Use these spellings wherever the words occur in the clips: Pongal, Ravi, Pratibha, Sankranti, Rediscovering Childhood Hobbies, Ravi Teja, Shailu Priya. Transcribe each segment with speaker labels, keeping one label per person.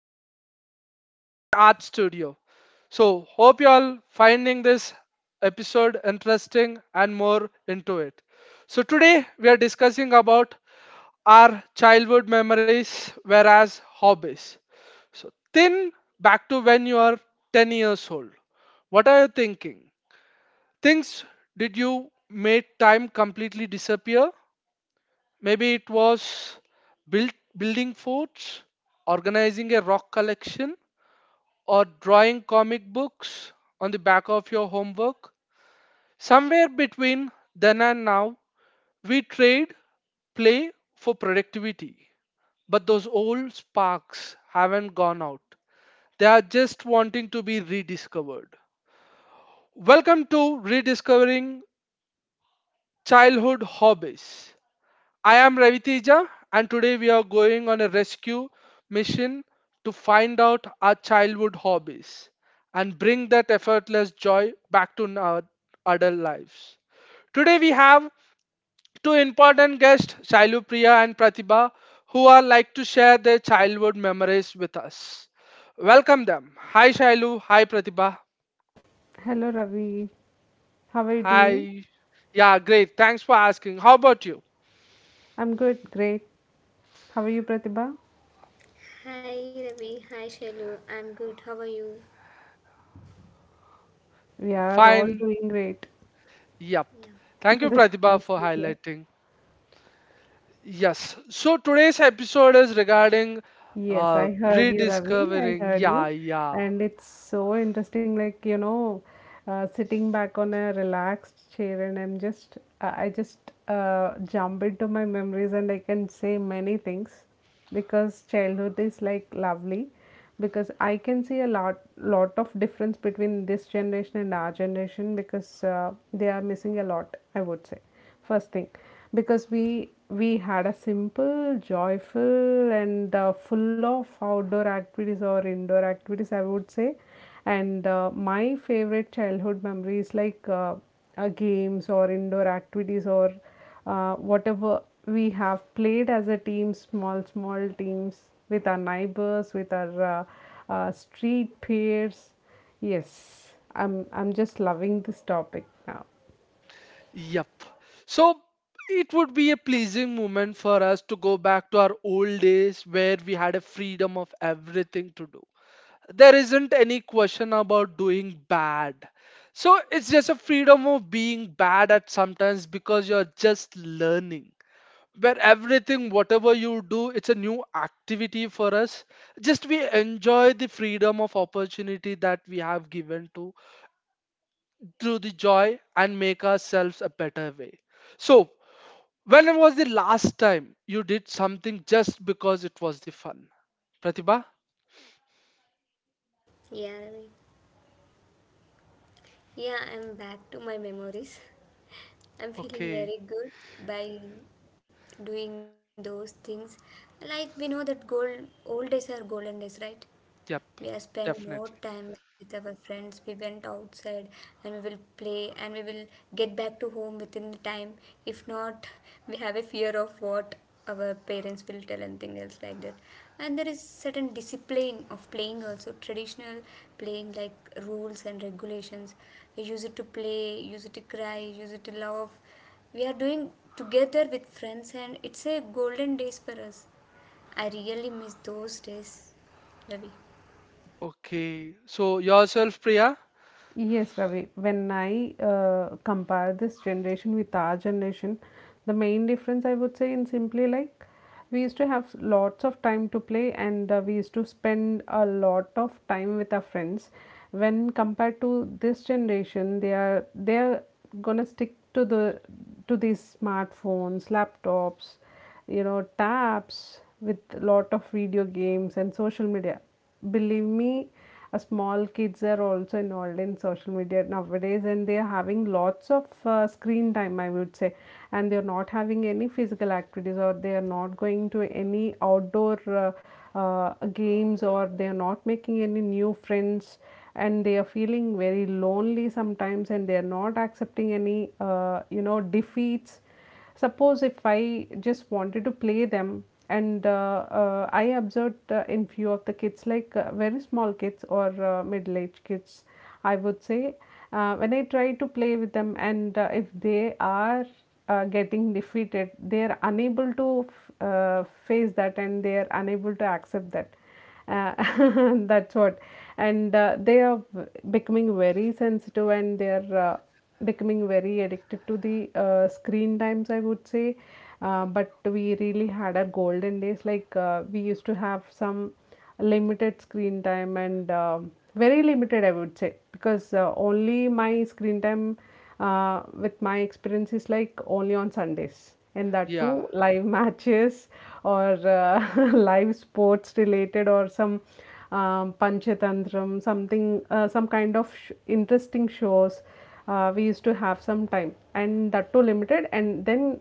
Speaker 1: episode from the Art Studio. So, hope you all finding this episode interesting and more into it. So, today we are discussing about our childhood memories whereas hobbies. So, thin back to when you are 10 years old. What are you thinking? Things did you made time completely disappear. Maybe it was building forts, organizing a rock collection, or drawing comic books on the back of your homework. Somewhere between then and now, we trade play for productivity. But those old sparks haven't gone out. They are just wanting to be rediscovered. Welcome to Rediscovering Childhood Hobbies. I am Ravi, and today we are going on a rescue mission to find out our childhood hobbies and bring that effortless joy back to our adult lives. Today we have two important guests, Shailu Priya and Pratibha, who are like to share their childhood memories with us. Welcome them. Hi Shailu, hi Pratibha.
Speaker 2: Hello Ravi, how are you doing?
Speaker 1: Hi. Yeah, great. Thanks for asking. How about you?
Speaker 2: I'm good, great. How are you, Pratibha?
Speaker 3: Hi Ravi, hi Shailu. I'm good. How are you?
Speaker 2: We are all
Speaker 1: Fine.
Speaker 2: doing great.
Speaker 1: Yep.
Speaker 3: Yeah,
Speaker 1: Thank you,
Speaker 2: That's
Speaker 1: Pratibha,
Speaker 2: nice
Speaker 1: for
Speaker 2: to hear.
Speaker 1: highlighting. Yes. So today's episode is regarding
Speaker 2: Yes,
Speaker 1: uh,
Speaker 2: I heard you, Ravi. I
Speaker 1: rediscovering.
Speaker 2: heard
Speaker 1: Yeah,
Speaker 2: you.
Speaker 1: yeah.
Speaker 2: And it's so interesting, like, sitting back on a relaxed chair, and I just jump into my memories, and I can say many things because childhood is like lovely. Because I can see a lot of difference between this generation and our generation because they are missing a lot, I would say. First thing, because we had a simple, joyful, and full of outdoor activities or indoor activities, I would say. And my favorite childhood memories, like, games or indoor activities, or whatever we have played as a team, small small teams with our neighbors, with our street peers. Yes, I'm just loving this topic now.
Speaker 1: Yep. So, it would be a pleasing moment for us to go back to our old days where we had a freedom of everything to do. There isn't any question about doing bad. So it's just a freedom of being bad at sometimes because you're just learning, where everything whatever you do it's a new activity for us. Just we enjoy the freedom of opportunity that we have given to through the joy and make ourselves a better way. So, when was the last time you did something just because it was the fun, Pratibha?
Speaker 3: yeah, Ravi, yeah, I'm back to my memories. I'm
Speaker 1: Okay.
Speaker 3: feeling very good by doing those things. Like we know that gold old days are golden days, right?
Speaker 1: Yep.
Speaker 3: We have spent
Speaker 1: Definitely.
Speaker 3: more time with our friends. We went outside and we will play and we will get back to home within the time. If not, we have a fear of what our parents will tell and things else like that. And there is certain discipline of playing also, traditional playing like rules and regulations. We use it to play, use it to cry, use it to love. We are doing together with friends and it's a golden days for us. I really miss those days, Ravi.
Speaker 1: Okay, so yourself, Priya?
Speaker 2: Yes, Ravi. When I compare this generation with our generation, the main difference, I would say, in simply like, we used to have lots of time to play, and we used to spend a lot of time with our friends. When compared to this generation, they are gonna stick to these smartphones, laptops, tabs with lot of video games and social media. Believe me, small kids are also involved in social media nowadays, and they are having lots of screen time, I would say. And they are not having any physical activities, or they are not going to any outdoor games, or they are not making any new friends, and they are feeling very lonely sometimes, and they are not accepting any defeats. Suppose if I just wanted to play them, and I observed in few of the kids, like, very small kids or middle aged kids, I would say. When I try to play with them, and if they are getting defeated, they are unable to face that, and they are unable to accept that, uh, that's what. And they are becoming very sensitive, and they are becoming very addicted to the screen times, I would say. But we really had our golden days. Like, we used to have some limited screen time, and very limited, I would say, because only my screen time, with my experience, is like only on Sundays, and that
Speaker 1: Yeah,
Speaker 2: too live matches, or live sports related, or some panchatantram something, some kind of interesting shows. We used to have some time, and that too limited, and then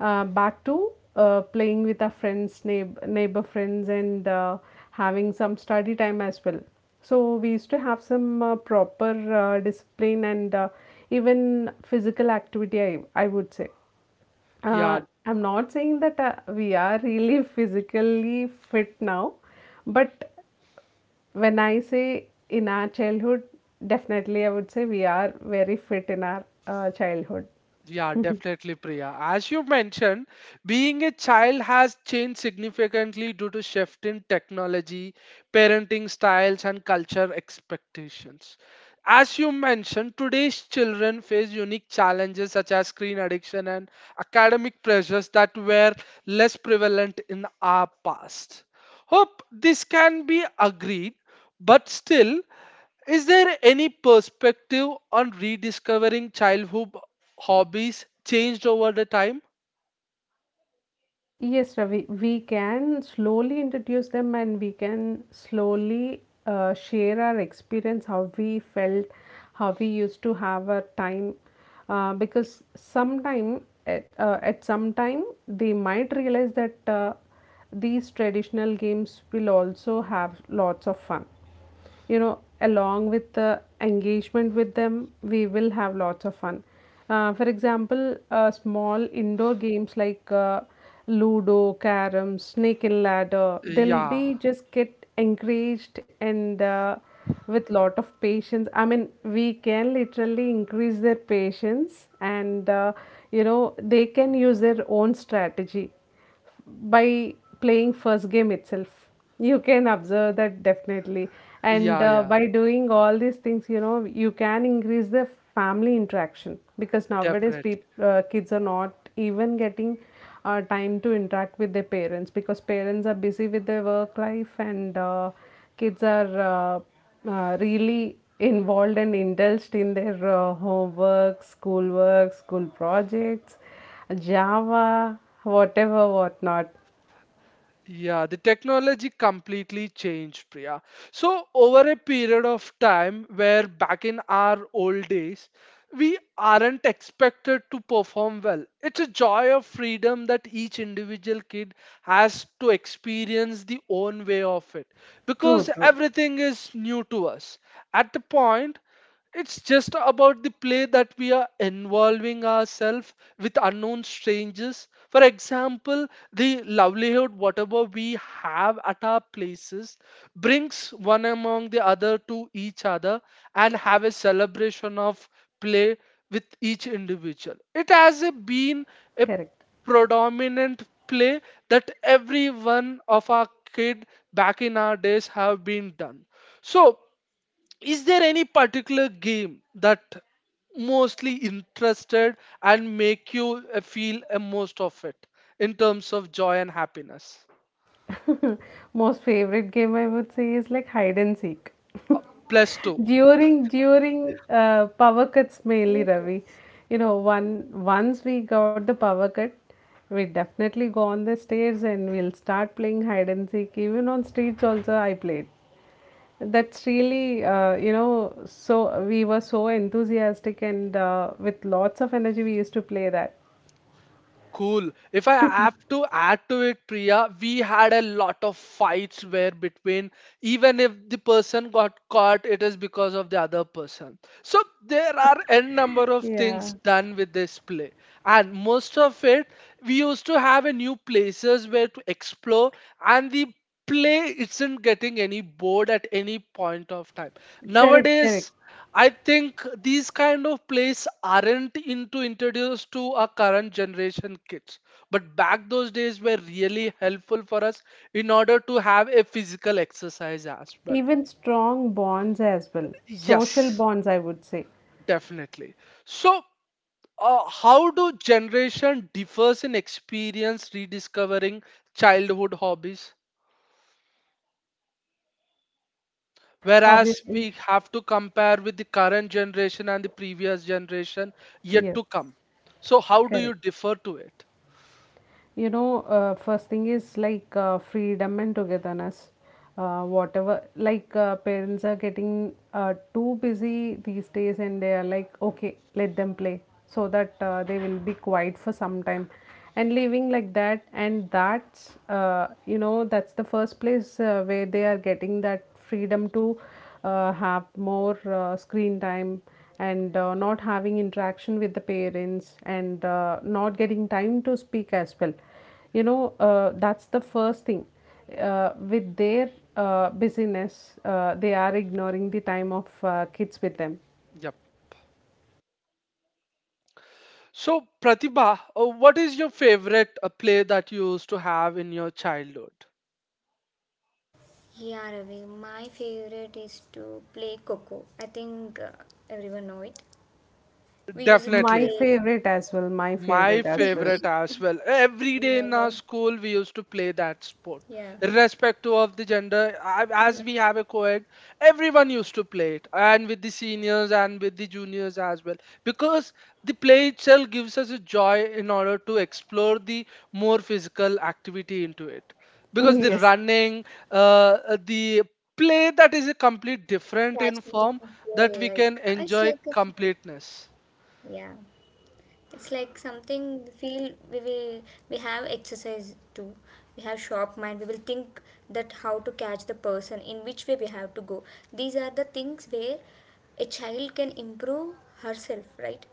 Speaker 2: back to playing with our friends, neighbor friends, and having some study time as well. So we used to have some proper discipline and even physical activity, I would say.
Speaker 1: yeah.
Speaker 2: uh, I'm not saying that we are really physically fit now, but when I say in our childhood, definitely I would say we are very fit in our childhood.
Speaker 1: Yeah, definitely, Priya. As you mentioned, being a child has changed significantly due to shift in technology, parenting styles, and culture expectations. As you mentioned, today's children face unique challenges such as screen addiction and academic pressures that were less prevalent in our past. Hope this can be agreed, but still, is there any perspective on rediscovering childhood hobbies changed over the time?
Speaker 2: Yes, Ravi, we can slowly introduce them, and we can slowly share our experience, how we felt, how we used to have our time. Because sometime, at some time, they might realize that these traditional games will also have lots of fun, along with the engagement with them, we will have lots of fun. For example, small indoor games like, ludo, carom, snake and ladder, they'll
Speaker 1: Yeah,
Speaker 2: be just get encouraged, and with lot of patience, I mean, we can literally increase their patience, and they can use their own strategy. By playing first game itself, you can observe that, definitely. and
Speaker 1: yeah,
Speaker 2: uh,
Speaker 1: yeah,
Speaker 2: by doing all these things, you can increase the family interaction, because nowadays
Speaker 1: definitely.
Speaker 2: kids are not even getting time to interact with their parents, because parents are busy with their work life, and kids are really involved and indulged in their homework, schoolwork, school projects, Java, whatever, whatnot.
Speaker 1: Yeah, the technology completely changed, Priya. So, over a period of time where back in our old days, we aren't expected to perform well. It's a joy of freedom that each individual kid has to experience the own way of it
Speaker 2: True,
Speaker 1: because
Speaker 2: true.
Speaker 1: everything is new to us. At the point, it's just about the play that we are involving ourselves with unknown strangers. For example, the livelihood, whatever we have at our places, brings one among the other to each other and have a celebration of play with each individual. It has a, been a
Speaker 2: Correct.
Speaker 1: predominant play that every one of our kid back in our days have been done. So, is there any particular game that mostly interested and make you feel most of it in terms of joy and happiness?
Speaker 2: Most favorite game, I would say, is like hide and seek.
Speaker 1: Plus two.
Speaker 2: During power cuts mainly,
Speaker 3: Me too.
Speaker 2: Ravi. You know, one once we got the power cut, we definitely go on the stairs, and we'll start playing hide and seek. Even on streets also, I played. That's really, so we were so enthusiastic, and with lots of energy, we used to play that.
Speaker 1: Cool. If I have to add to it, Priya, we had a lot of fights where between, even if the person got caught, it is because of the other person. So there are n number of
Speaker 2: Yeah,
Speaker 1: things done with this play, and most of it we used to have a new places where to explore, and the play isn't getting any bored at any point of time.
Speaker 2: correct, correct.
Speaker 1: Nowadays, I think these kind of plays aren't into introduced to our current generation kids, but back those days were really helpful for us in order to have a physical exercise as well.
Speaker 2: Even strong bonds as well, social
Speaker 1: Yes,
Speaker 2: bonds, I would say.
Speaker 1: definitely. So, how do generation differs in experience rediscovering childhood hobbies? Whereas
Speaker 2: Obviously,
Speaker 1: we have to compare with the current generation and the previous generation yet to
Speaker 2: yes,
Speaker 1: come. So, how do you
Speaker 2: correct.
Speaker 1: differ to it?
Speaker 2: First thing is like, freedom and togetherness. Whatever, like, parents are getting too busy these days, and they are like, okay, let them play so that they will be quiet for some time. And living like that, and that's the first place where they are getting that freedom to have more screen time, and not having interaction with the parents, and not getting time to speak as well. That's the first thing. With their busyness, they are ignoring the time of kids with them.
Speaker 1: Yep. So, Pratibha, what is your favorite play that you used to have in your childhood?
Speaker 3: Yeah, Ravi, my favorite is to play Coco. I think everyone know it. We use it to
Speaker 2: My
Speaker 1: Definitely.
Speaker 3: play.
Speaker 2: favorite as well. My
Speaker 1: My
Speaker 2: favorite as well.
Speaker 1: favorite as
Speaker 3: Yeah.
Speaker 1: well. Every day
Speaker 3: Yeah.
Speaker 1: in our
Speaker 3: Well,
Speaker 1: school, we used to play that
Speaker 3: yeah,
Speaker 1: sport, irrespective of the gender.
Speaker 3: yeah.
Speaker 1: As we have a co-ed, everyone used to play it, and with the seniors and with the juniors as well, because the play itself gives us a joy in order to explore the more physical activity into it. Because the
Speaker 2: Yes.
Speaker 1: running, the play that is a complete different in
Speaker 3: Catching the
Speaker 1: form that
Speaker 3: people
Speaker 1: we
Speaker 3: like
Speaker 1: can
Speaker 3: it's
Speaker 1: enjoy
Speaker 3: like a fun.
Speaker 1: completeness.
Speaker 3: Yeah. It's like something we feel we will we have exercise too. We have sharp mind. We will think that how to catch the person in which way we have to go. These are the things where a child can improve herself, right?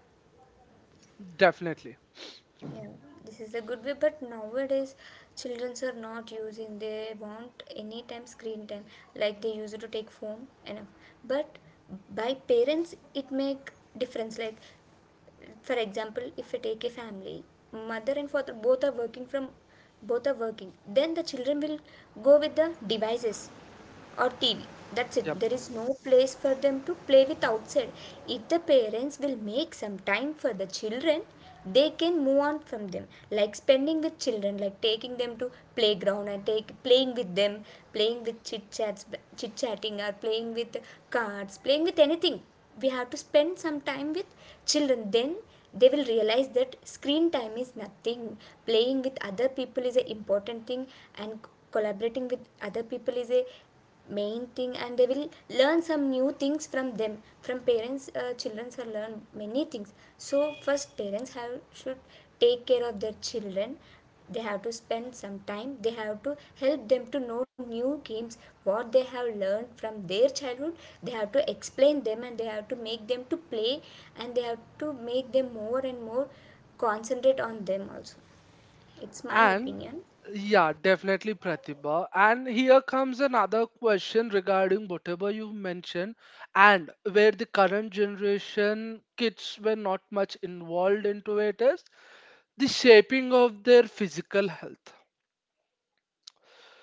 Speaker 1: Definitely.
Speaker 3: Yeah, this is a good way, but nowadays children are not using. They want any time screen time, like they used to take phone enough. But by parents, it make difference. Like, for example, if I take a family, mother and father both are working from, both are working. Then the children will go with the devices or TV. That's it.
Speaker 1: Yep.
Speaker 3: There is no place for them to play with outside. If the parents will make some time for the children, they can move on from them. Like spending with children, like taking them to playground and take playing with them, playing with chit chats, chit chatting, or playing with cards, playing with anything. We have to spend some time with children. Then they will realize that screen time is nothing. Playing with other people is an important thing, and collaborating with other people is a main thing, and they will learn some new things from them. From parents, children can learn many things. So first, parents have should take care of their children. They have to spend some time, they have to help them to know new games what they have learned from their childhood. They have to explain them and they have to make them to play, and they have to make them more and more concentrate on them also. It's my
Speaker 1: And
Speaker 3: opinion.
Speaker 1: yeah, definitely Pratibha. And here comes another question regarding whatever you mentioned, and where the current generation kids were not much involved into it is the shaping of their physical health.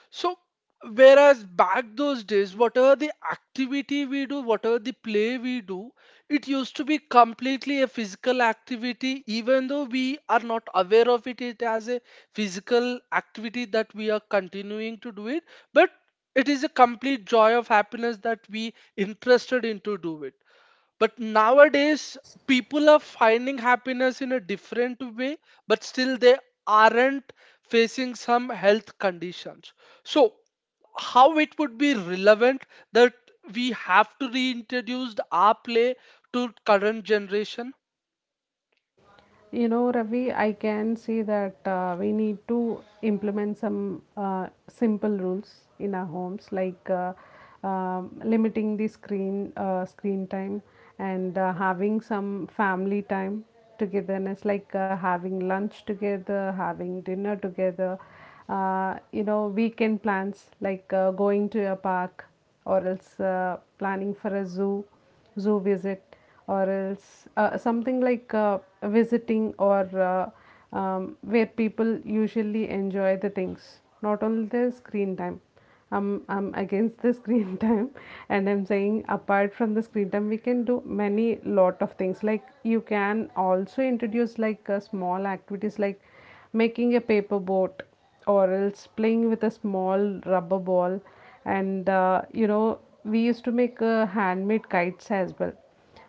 Speaker 1: So, whereas back those days, whatever the activity we do, whatever the play we do, it used to be completely a physical activity, even though we are not aware of it, it as a physical activity that we are continuing to do it. But it is a complete joy of happiness that we interested into do it. But nowadays, people are finding happiness in a different way, but still they aren't facing some health conditions. So, how it would be relevant that we have to reintroduce our play to current generation?
Speaker 2: Ravi, I can see that we need to implement some simple rules in our homes, like, limiting the screen time, and having some family time, togetherness, like, having lunch together, having dinner together. Weekend plans, like, going to a park, or else planning for a zoo visit, or else something like visiting, or uh, where people usually enjoy the things, not only the screen time. I'm against the screen time, and I'm saying apart from the screen time we can do many lot of things, like, you can also introduce like, small activities, like making a paper boat, or else playing with a small rubber ball, and we used to make handmade kites as well.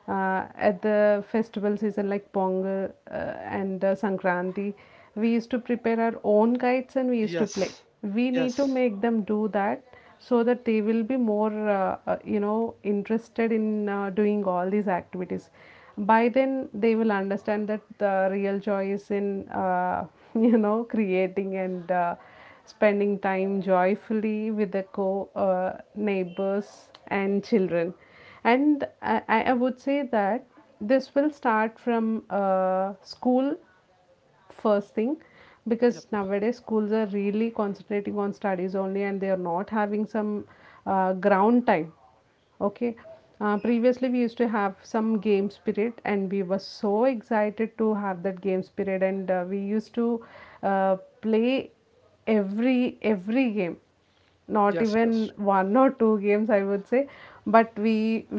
Speaker 2: At the festival season, like Pongal and Sankranti, we used to prepare our own kites and we used to play.
Speaker 1: Yes,
Speaker 2: We need to
Speaker 1: yes,
Speaker 2: make them do that, so that they will be more, interested in doing all these activities. By then, they will understand that the real joy is in, creating, and spending time joyfully with the co neighbors and children. And I would say that this will start from school, first thing,
Speaker 1: yep,
Speaker 2: because nowadays schools are really concentrating on studies only, and they are not having some ground time. Okay. Previously, we used to have some game spirit, and we were so excited to have that game spirit, and we used to uh, play every game, not
Speaker 1: yes, yes.
Speaker 2: even one or two games, I would say. But we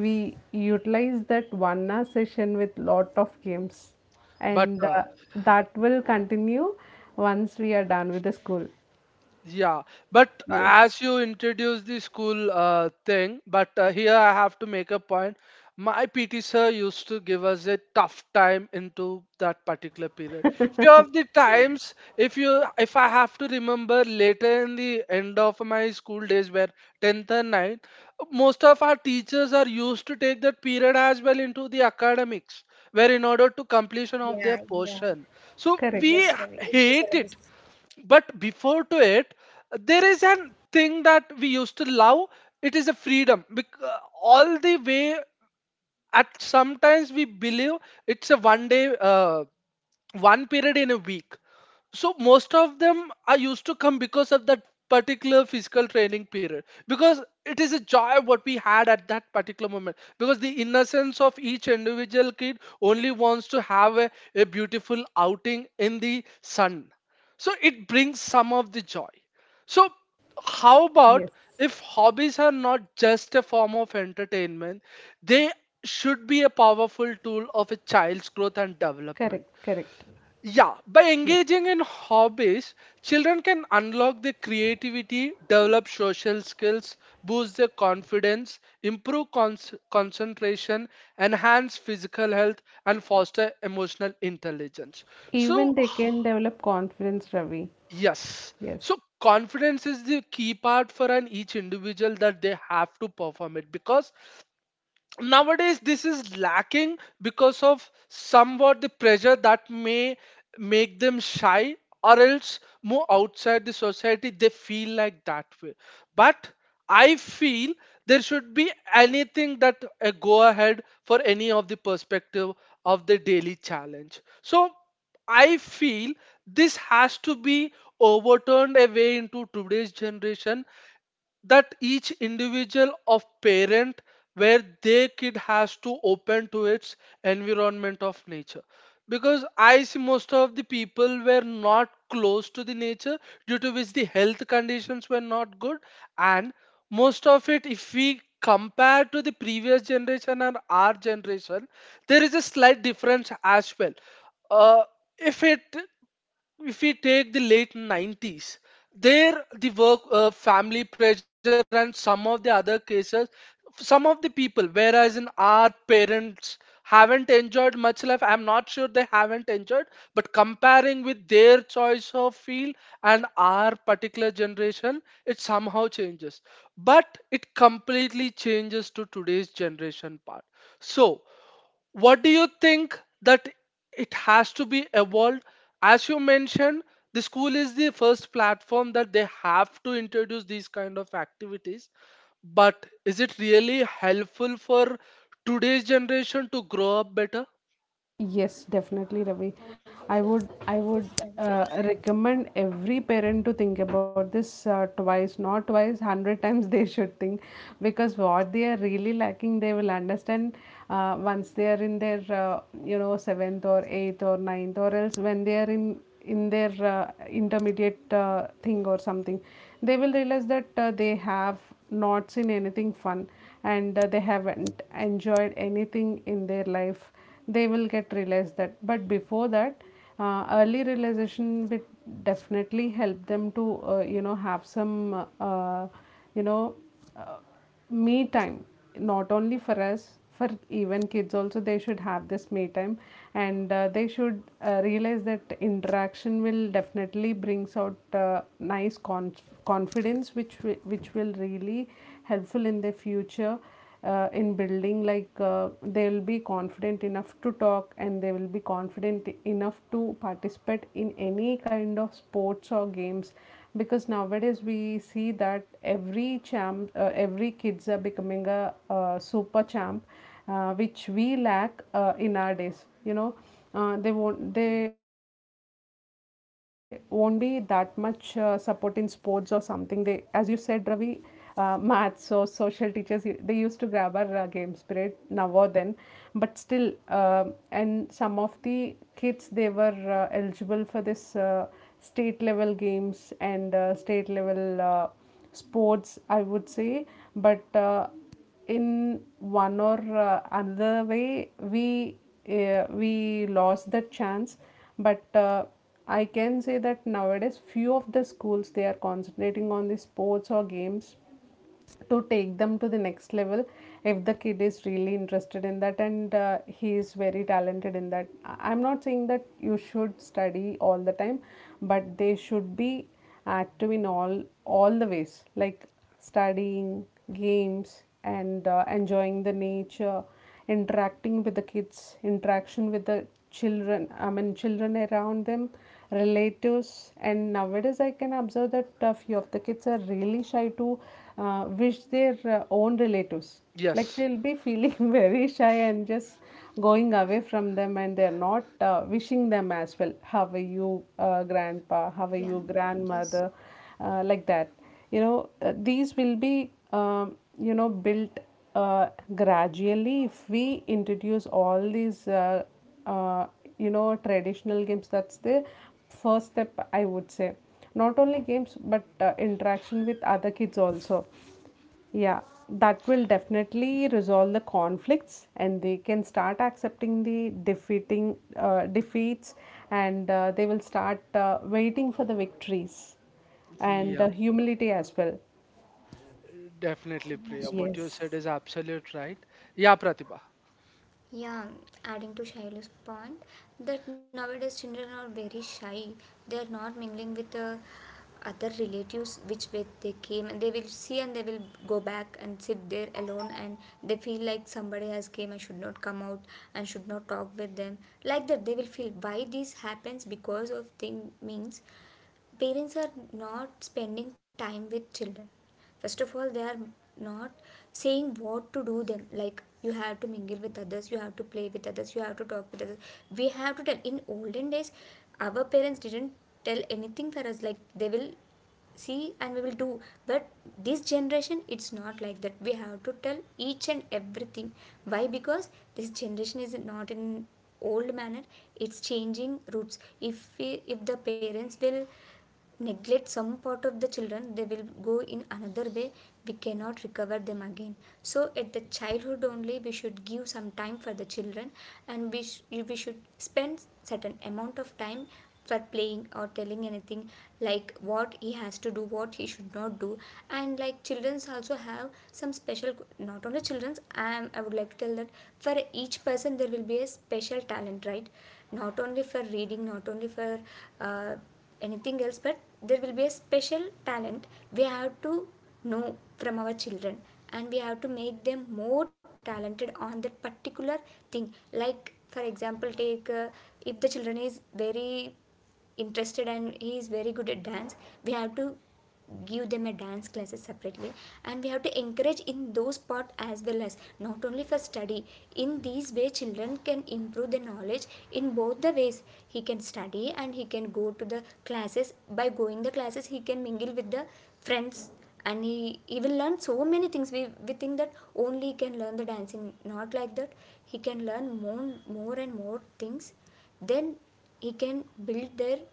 Speaker 2: we utilize that 1 hour session with lot of games,
Speaker 1: But
Speaker 2: and that will continue once we are done with the school.
Speaker 1: yeah, but
Speaker 2: Yes,
Speaker 1: as you introduce the school thing, but here I have to make a point. My PT sir used to give us a tough time into that particular period. Few of the times, if I have to remember later in the end of my school days, where tenth and ninth, most of our teachers are used to take that period as well into the academics, where in order to completion of their
Speaker 3: Yeah, yeah.
Speaker 1: portion, so
Speaker 2: correct.
Speaker 1: we
Speaker 3: Yes, Ravi. It is
Speaker 1: hate it.
Speaker 3: always
Speaker 1: But before to it, there is an thing that we used to love. It is a freedom. All the way at sometimes we believe it's a one day, one period in a week. So most of them are used to come because of that particular physical training period, because it is a joy what we had at that particular moment, because the innocence of each individual kid only wants to have a beautiful outing in the sun, so it brings some of the joy. So, how
Speaker 2: Yes,
Speaker 1: about if hobbies are not just a form of entertainment, they should be a powerful tool of a child's growth and development.
Speaker 2: correct, correct.
Speaker 1: Yeah, by
Speaker 2: Yes.
Speaker 1: engaging in hobbies, children can unlock their creativity, develop social skills, boost their confidence, improve concentration, enhance physical health, and foster emotional intelligence. So,
Speaker 2: Even they can develop confidence, Ravi.
Speaker 1: yes, so
Speaker 2: Yes.
Speaker 1: confidence is the key part for an each individual that they have to perform it, because nowadays this is lacking because of somewhat the pressure that may make them shy or else move outside the society they feel like that way. But I feel there should be anything that a go ahead for any of the perspective of the daily challenge. So I feel this has to be overturned away into today's generation, that each individual of parent where their kid has to open to its environment of nature, because I see most of the people were not close to the nature due to which the health conditions were not good. And most of it if we compare to the previous generation and our generation, there is a slight difference as well. Uh, if it if we take the late 90s, there the work family pressure and some of the other cases, some of the people whereas in our parents haven't enjoyed much life. I'm not sure they haven't enjoyed, but comparing with their choice of field and our particular generation, it somehow changes. But it completely changes to today's generation part. So, what do you think that it has to be evolved? As you mentioned, the school is the first platform that they have to introduce these kind of activities. But is it really helpful for today's generation to grow up better?
Speaker 2: Yes, definitely, Ravi. I would recommend every parent to think about this twice, not twice, 100 times they should think, because what they are really lacking, they will understand once they are in their seventh or eighth or ninth, or else when they are in their intermediate thing or something, they will realize that they have not seen anything fun, and they haven't enjoyed anything in their life. They will get realized that, but before that, early realization will definitely help them to have some you know uh, me time. Not only for us, for even kids also they should have this me time. And they should realize that interaction will definitely brings out nice confidence, which which will really helpful in the future, in building, like, they will be confident enough to talk, and they will be confident enough to participate in any kind of sports or games. Because nowadays we see that every kids are becoming a super champ, which we lack in our days. They won't be that much support in sports or something, they, as you said, Ravi, Maths or social teachers they used to grab our game spirit now or then, but still and some of the kids, they were eligible for this state level games and state level sports, I would say. But in one or another way we lost that chance. But I can say that nowadays few of the schools, they are concentrating on the sports or games to take them to the next level if the kid is really interested in that and he is very talented in that. I'm not saying that you should study all the time, but they should be active in all the ways, like studying, games, and enjoying the nature, interacting with the kids, interaction with the children, I mean, children around them, relatives. And nowadays, I can observe that a few of the kids are really shy to wish their own relatives. Like
Speaker 1: Yes.
Speaker 2: they'll be feeling very shy and just going away from them, and they're not wishing them as well. How are you, grandpa? How are you,
Speaker 3: yeah,
Speaker 2: grandmother?
Speaker 3: yes,
Speaker 2: Like that, these will be built uh, gradually if we introduce all these uh, traditional games. That's the first step, I would say. Not only games, but interaction with other kids also. Yeah, that will definitely resolve the conflicts, and they can start accepting the defeating defeats, and they will start waiting for the victories, and
Speaker 1: Yeah,
Speaker 2: humility as well.
Speaker 1: definitely, Priya. What you
Speaker 3: mashallah.
Speaker 2: Yes,
Speaker 1: said is absolute right. Yeah, Pratibha.
Speaker 3: Yeah, adding to Shailu's point that nowadays children are very shy. They are not mingling with other relatives which way they came, and they will see and they will go back and sit there alone, and they feel like somebody has came and should not come out and should not talk with them. Like that they will feel. Why this happens? Because of thing means parents are not spending time with children. First of all, they are not saying what to do them. Like, you have to mingle with others, you have to play with others, you have to talk with others. We have to tell. In olden days, our parents didn't tell anything for us. Like, they will see and we will do. But this generation, it's not like that. We have to tell each and everything. Why? Because this generation is not in old manner. It's changing roots. If the parents will neglect some part of the children, they will go in another way. We cannot recover them again. So at the childhood only, we should give some time for the children, and we should spend certain amount of time for playing or telling anything, like what he has to do, what he should not do. And like children's also have some special, not only children's. I am. I would like to tell that for each person, there will be a special talent, right? Not only for reading, not only for uh, anything else, but there will be a special talent. We have to know from our children, and we have to make them more talented on that particular thing. Like, for example, take if the children is very interested and he is very good at dance, we have to give them a dance classes separately, and we have to encourage in those part as well, as not only for study. In these way, children can improve their knowledge in both the ways. He can study and he can go to the classes. By going the classes, he can mingle with the friends, and he will learn so many things. We think that only he can learn the dancing. Not like that, he can learn more, more and more things. Then he can build their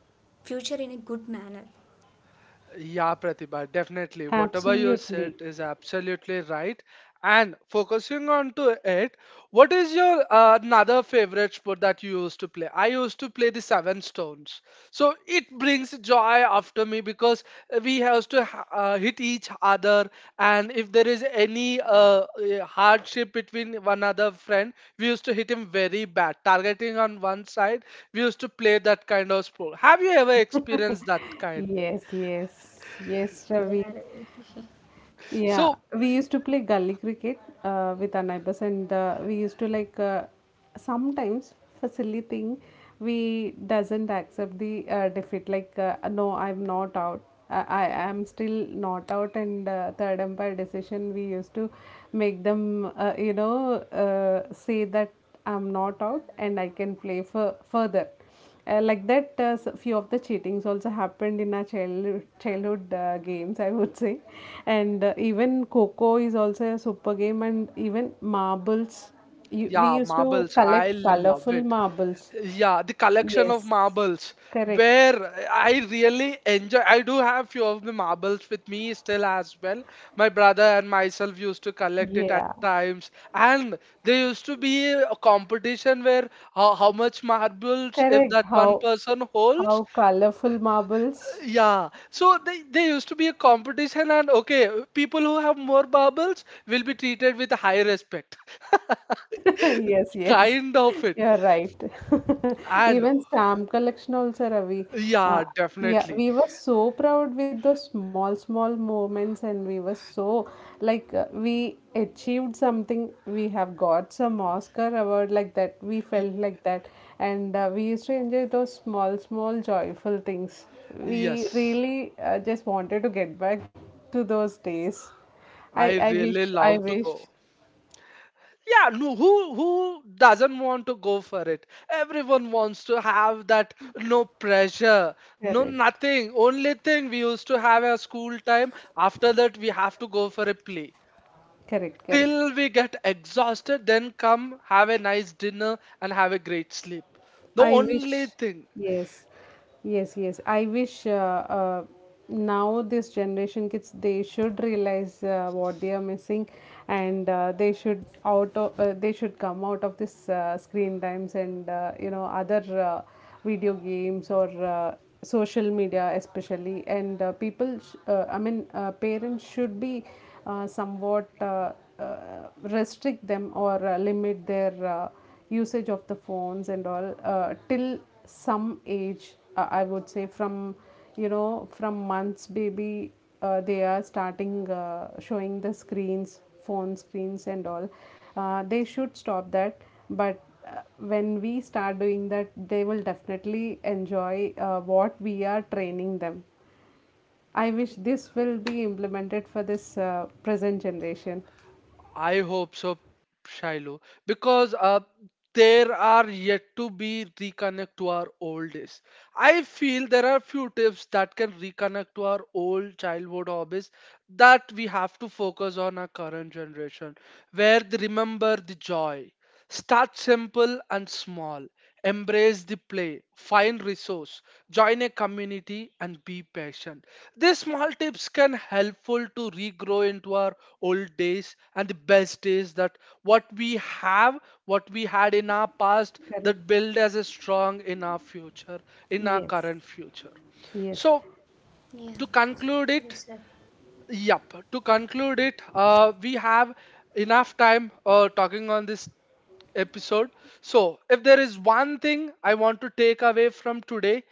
Speaker 3: future in a good manner.
Speaker 1: Yeah, Pratibha, definitely. Whatever you said
Speaker 2: absolutely.
Speaker 1: is absolutely right. And focusing on to it, what is your another favorite sport that you used to play? I used to play the seven stones. So it brings joy after me because we have to hit each other, and if there is any hardship between one other friend, we used to hit him very bad, targeting on one side. We used to play that kind of sport. Have you ever experienced that kind?
Speaker 2: Yes, yes, yes, Ravi.
Speaker 3: Yeah.
Speaker 2: Yeah,
Speaker 1: So,
Speaker 2: we used to play gully cricket with our neighbors, and we used to like sometimes, for silly thing, we doesn't accept the defeat. Like no, I'm not out. I am still not out, and third umpire decision. We used to make them, say that I'm not out and I can play for further. Like that, few of the cheatings also happened in our childhood games, I would say. And even Coco is also a super game, and even marbles. We
Speaker 1: yeah,
Speaker 2: used to
Speaker 1: marbles. I
Speaker 2: collect
Speaker 1: love
Speaker 2: colorful
Speaker 1: it.
Speaker 2: marbles.
Speaker 1: Yeah, the collection of
Speaker 2: Yes,
Speaker 1: marbles
Speaker 2: correct.
Speaker 1: where I really enjoy. I do have few of the marbles with me still as well. My brother and myself used to collect it at
Speaker 2: Yeah,
Speaker 1: times, and there used to be a competition where how much marbles if
Speaker 2: correct.
Speaker 1: that one person holds.
Speaker 2: How colorful marbles.
Speaker 1: Yeah, so there used to be a competition, and okay, people who have more marbles will be treated with high respect.
Speaker 2: Yes, yes,
Speaker 1: Kind of it.
Speaker 2: you're right.
Speaker 1: And
Speaker 2: Even stamp collection also, Ravi. Uh,
Speaker 1: yeah,
Speaker 2: yeah,
Speaker 1: definitely.
Speaker 2: we were so proud with those small, small moments, and we were so like we achieved something. We have got some Oscar award like that. We
Speaker 1: Y-
Speaker 2: felt like that, and we used to enjoy those small, small joyful things. We
Speaker 1: Yes,
Speaker 2: really just wanted to get back to those days. I
Speaker 1: I
Speaker 2: I
Speaker 1: really
Speaker 2: wish, I
Speaker 1: love to
Speaker 2: wish.
Speaker 1: go. Yeah, no, who doesn't want to go for it? Everyone wants to have that no pressure, no
Speaker 2: Correct,
Speaker 1: nothing. Only thing we used to have a school time. After that, we have to go for a play
Speaker 2: correct, correct.
Speaker 1: till we get exhausted. Then come have a nice dinner and have a great sleep. The
Speaker 2: I wish,
Speaker 1: only thing.
Speaker 2: yes, yes, yes. I wish now this generation kids, they should realize what they are missing, and they should come out of this screen times and other video games or social media especially. And I mean, parents should be somewhat uh, restrict them or limit their. Usage of the phones and all till some age, I would say, from you know, from months baby, they are starting showing the screens, phone screens and all. They should stop that. But when we start doing that, they will definitely enjoy what we are training them. I wish this will be implemented for this present generation.
Speaker 1: I hope so, Shiloh, because there are yet to be reconnect to our old days. I feel there are few tips that can reconnect to our old childhood hobbies that we have to focus on our current generation, where they remember the joy. Start simple and small. Embrace the play. Find resource. Join a community and be patient. These small tips can helpful to regrow into our old days and the best days that what we have, what we had in our past that
Speaker 2: Correct.
Speaker 1: build as a strong in our future, in our
Speaker 2: Yes,
Speaker 1: current future.
Speaker 2: yes.
Speaker 1: So,
Speaker 3: Yeah.
Speaker 1: to conclude
Speaker 3: Yes, Ravi.
Speaker 1: it, yep. To conclude it, we have enough time talking on this episode. So, if there is one thing I want to take away from today,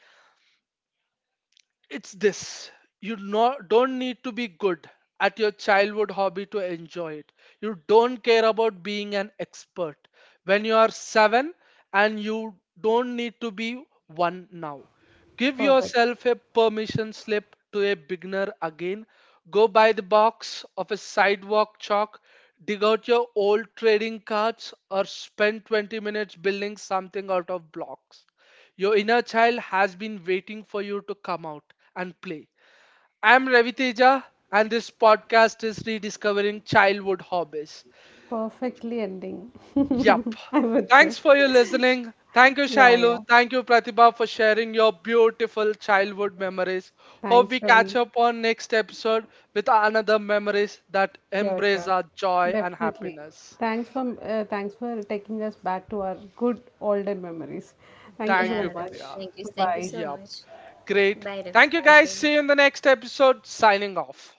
Speaker 1: it's this. You no, don't need to be good at your childhood hobby to enjoy it. You don't care about being an expert. When you are seven and you don't need to be one now, give
Speaker 2: Perfect.
Speaker 1: yourself a permission slip to a beginner again. Go buy the box of a sidewalk chalk, dig out your old trading cards, or spend 20 minutes building something out of blocks. Your inner child has been waiting for you to come out and play. I'm Ravi Teja, and this podcast is Rediscovering Childhood Hobbies.
Speaker 2: Perfectly ending,
Speaker 1: Yup.
Speaker 2: I would
Speaker 1: Thanks
Speaker 2: say.
Speaker 1: for your listening. Thank you,
Speaker 2: Yeah,
Speaker 1: Shailu.
Speaker 2: yeah.
Speaker 1: Thank you, Pratibha, for sharing your beautiful childhood memories. Hope we
Speaker 2: Thanks,
Speaker 1: catch
Speaker 2: Ravi.
Speaker 1: up on next episode with another memories that
Speaker 2: Sure,
Speaker 1: embrace
Speaker 2: sure.
Speaker 1: our joy and
Speaker 2: Definitely.
Speaker 1: happiness.
Speaker 2: Thanks for thanks for taking us back to our good olden memories. Thank you
Speaker 1: Thank
Speaker 3: Yeah,
Speaker 2: so
Speaker 1: you,
Speaker 3: Ravi.
Speaker 2: much.
Speaker 1: Priya.
Speaker 3: Thank you. Thank you
Speaker 2: Bye.
Speaker 3: so
Speaker 1: Yup.
Speaker 3: much.
Speaker 1: Great.
Speaker 3: Bye, Ravi.
Speaker 1: Thank you,
Speaker 3: Bye,
Speaker 1: guys.
Speaker 3: Shaili.
Speaker 1: See you in the next episode. Signing off.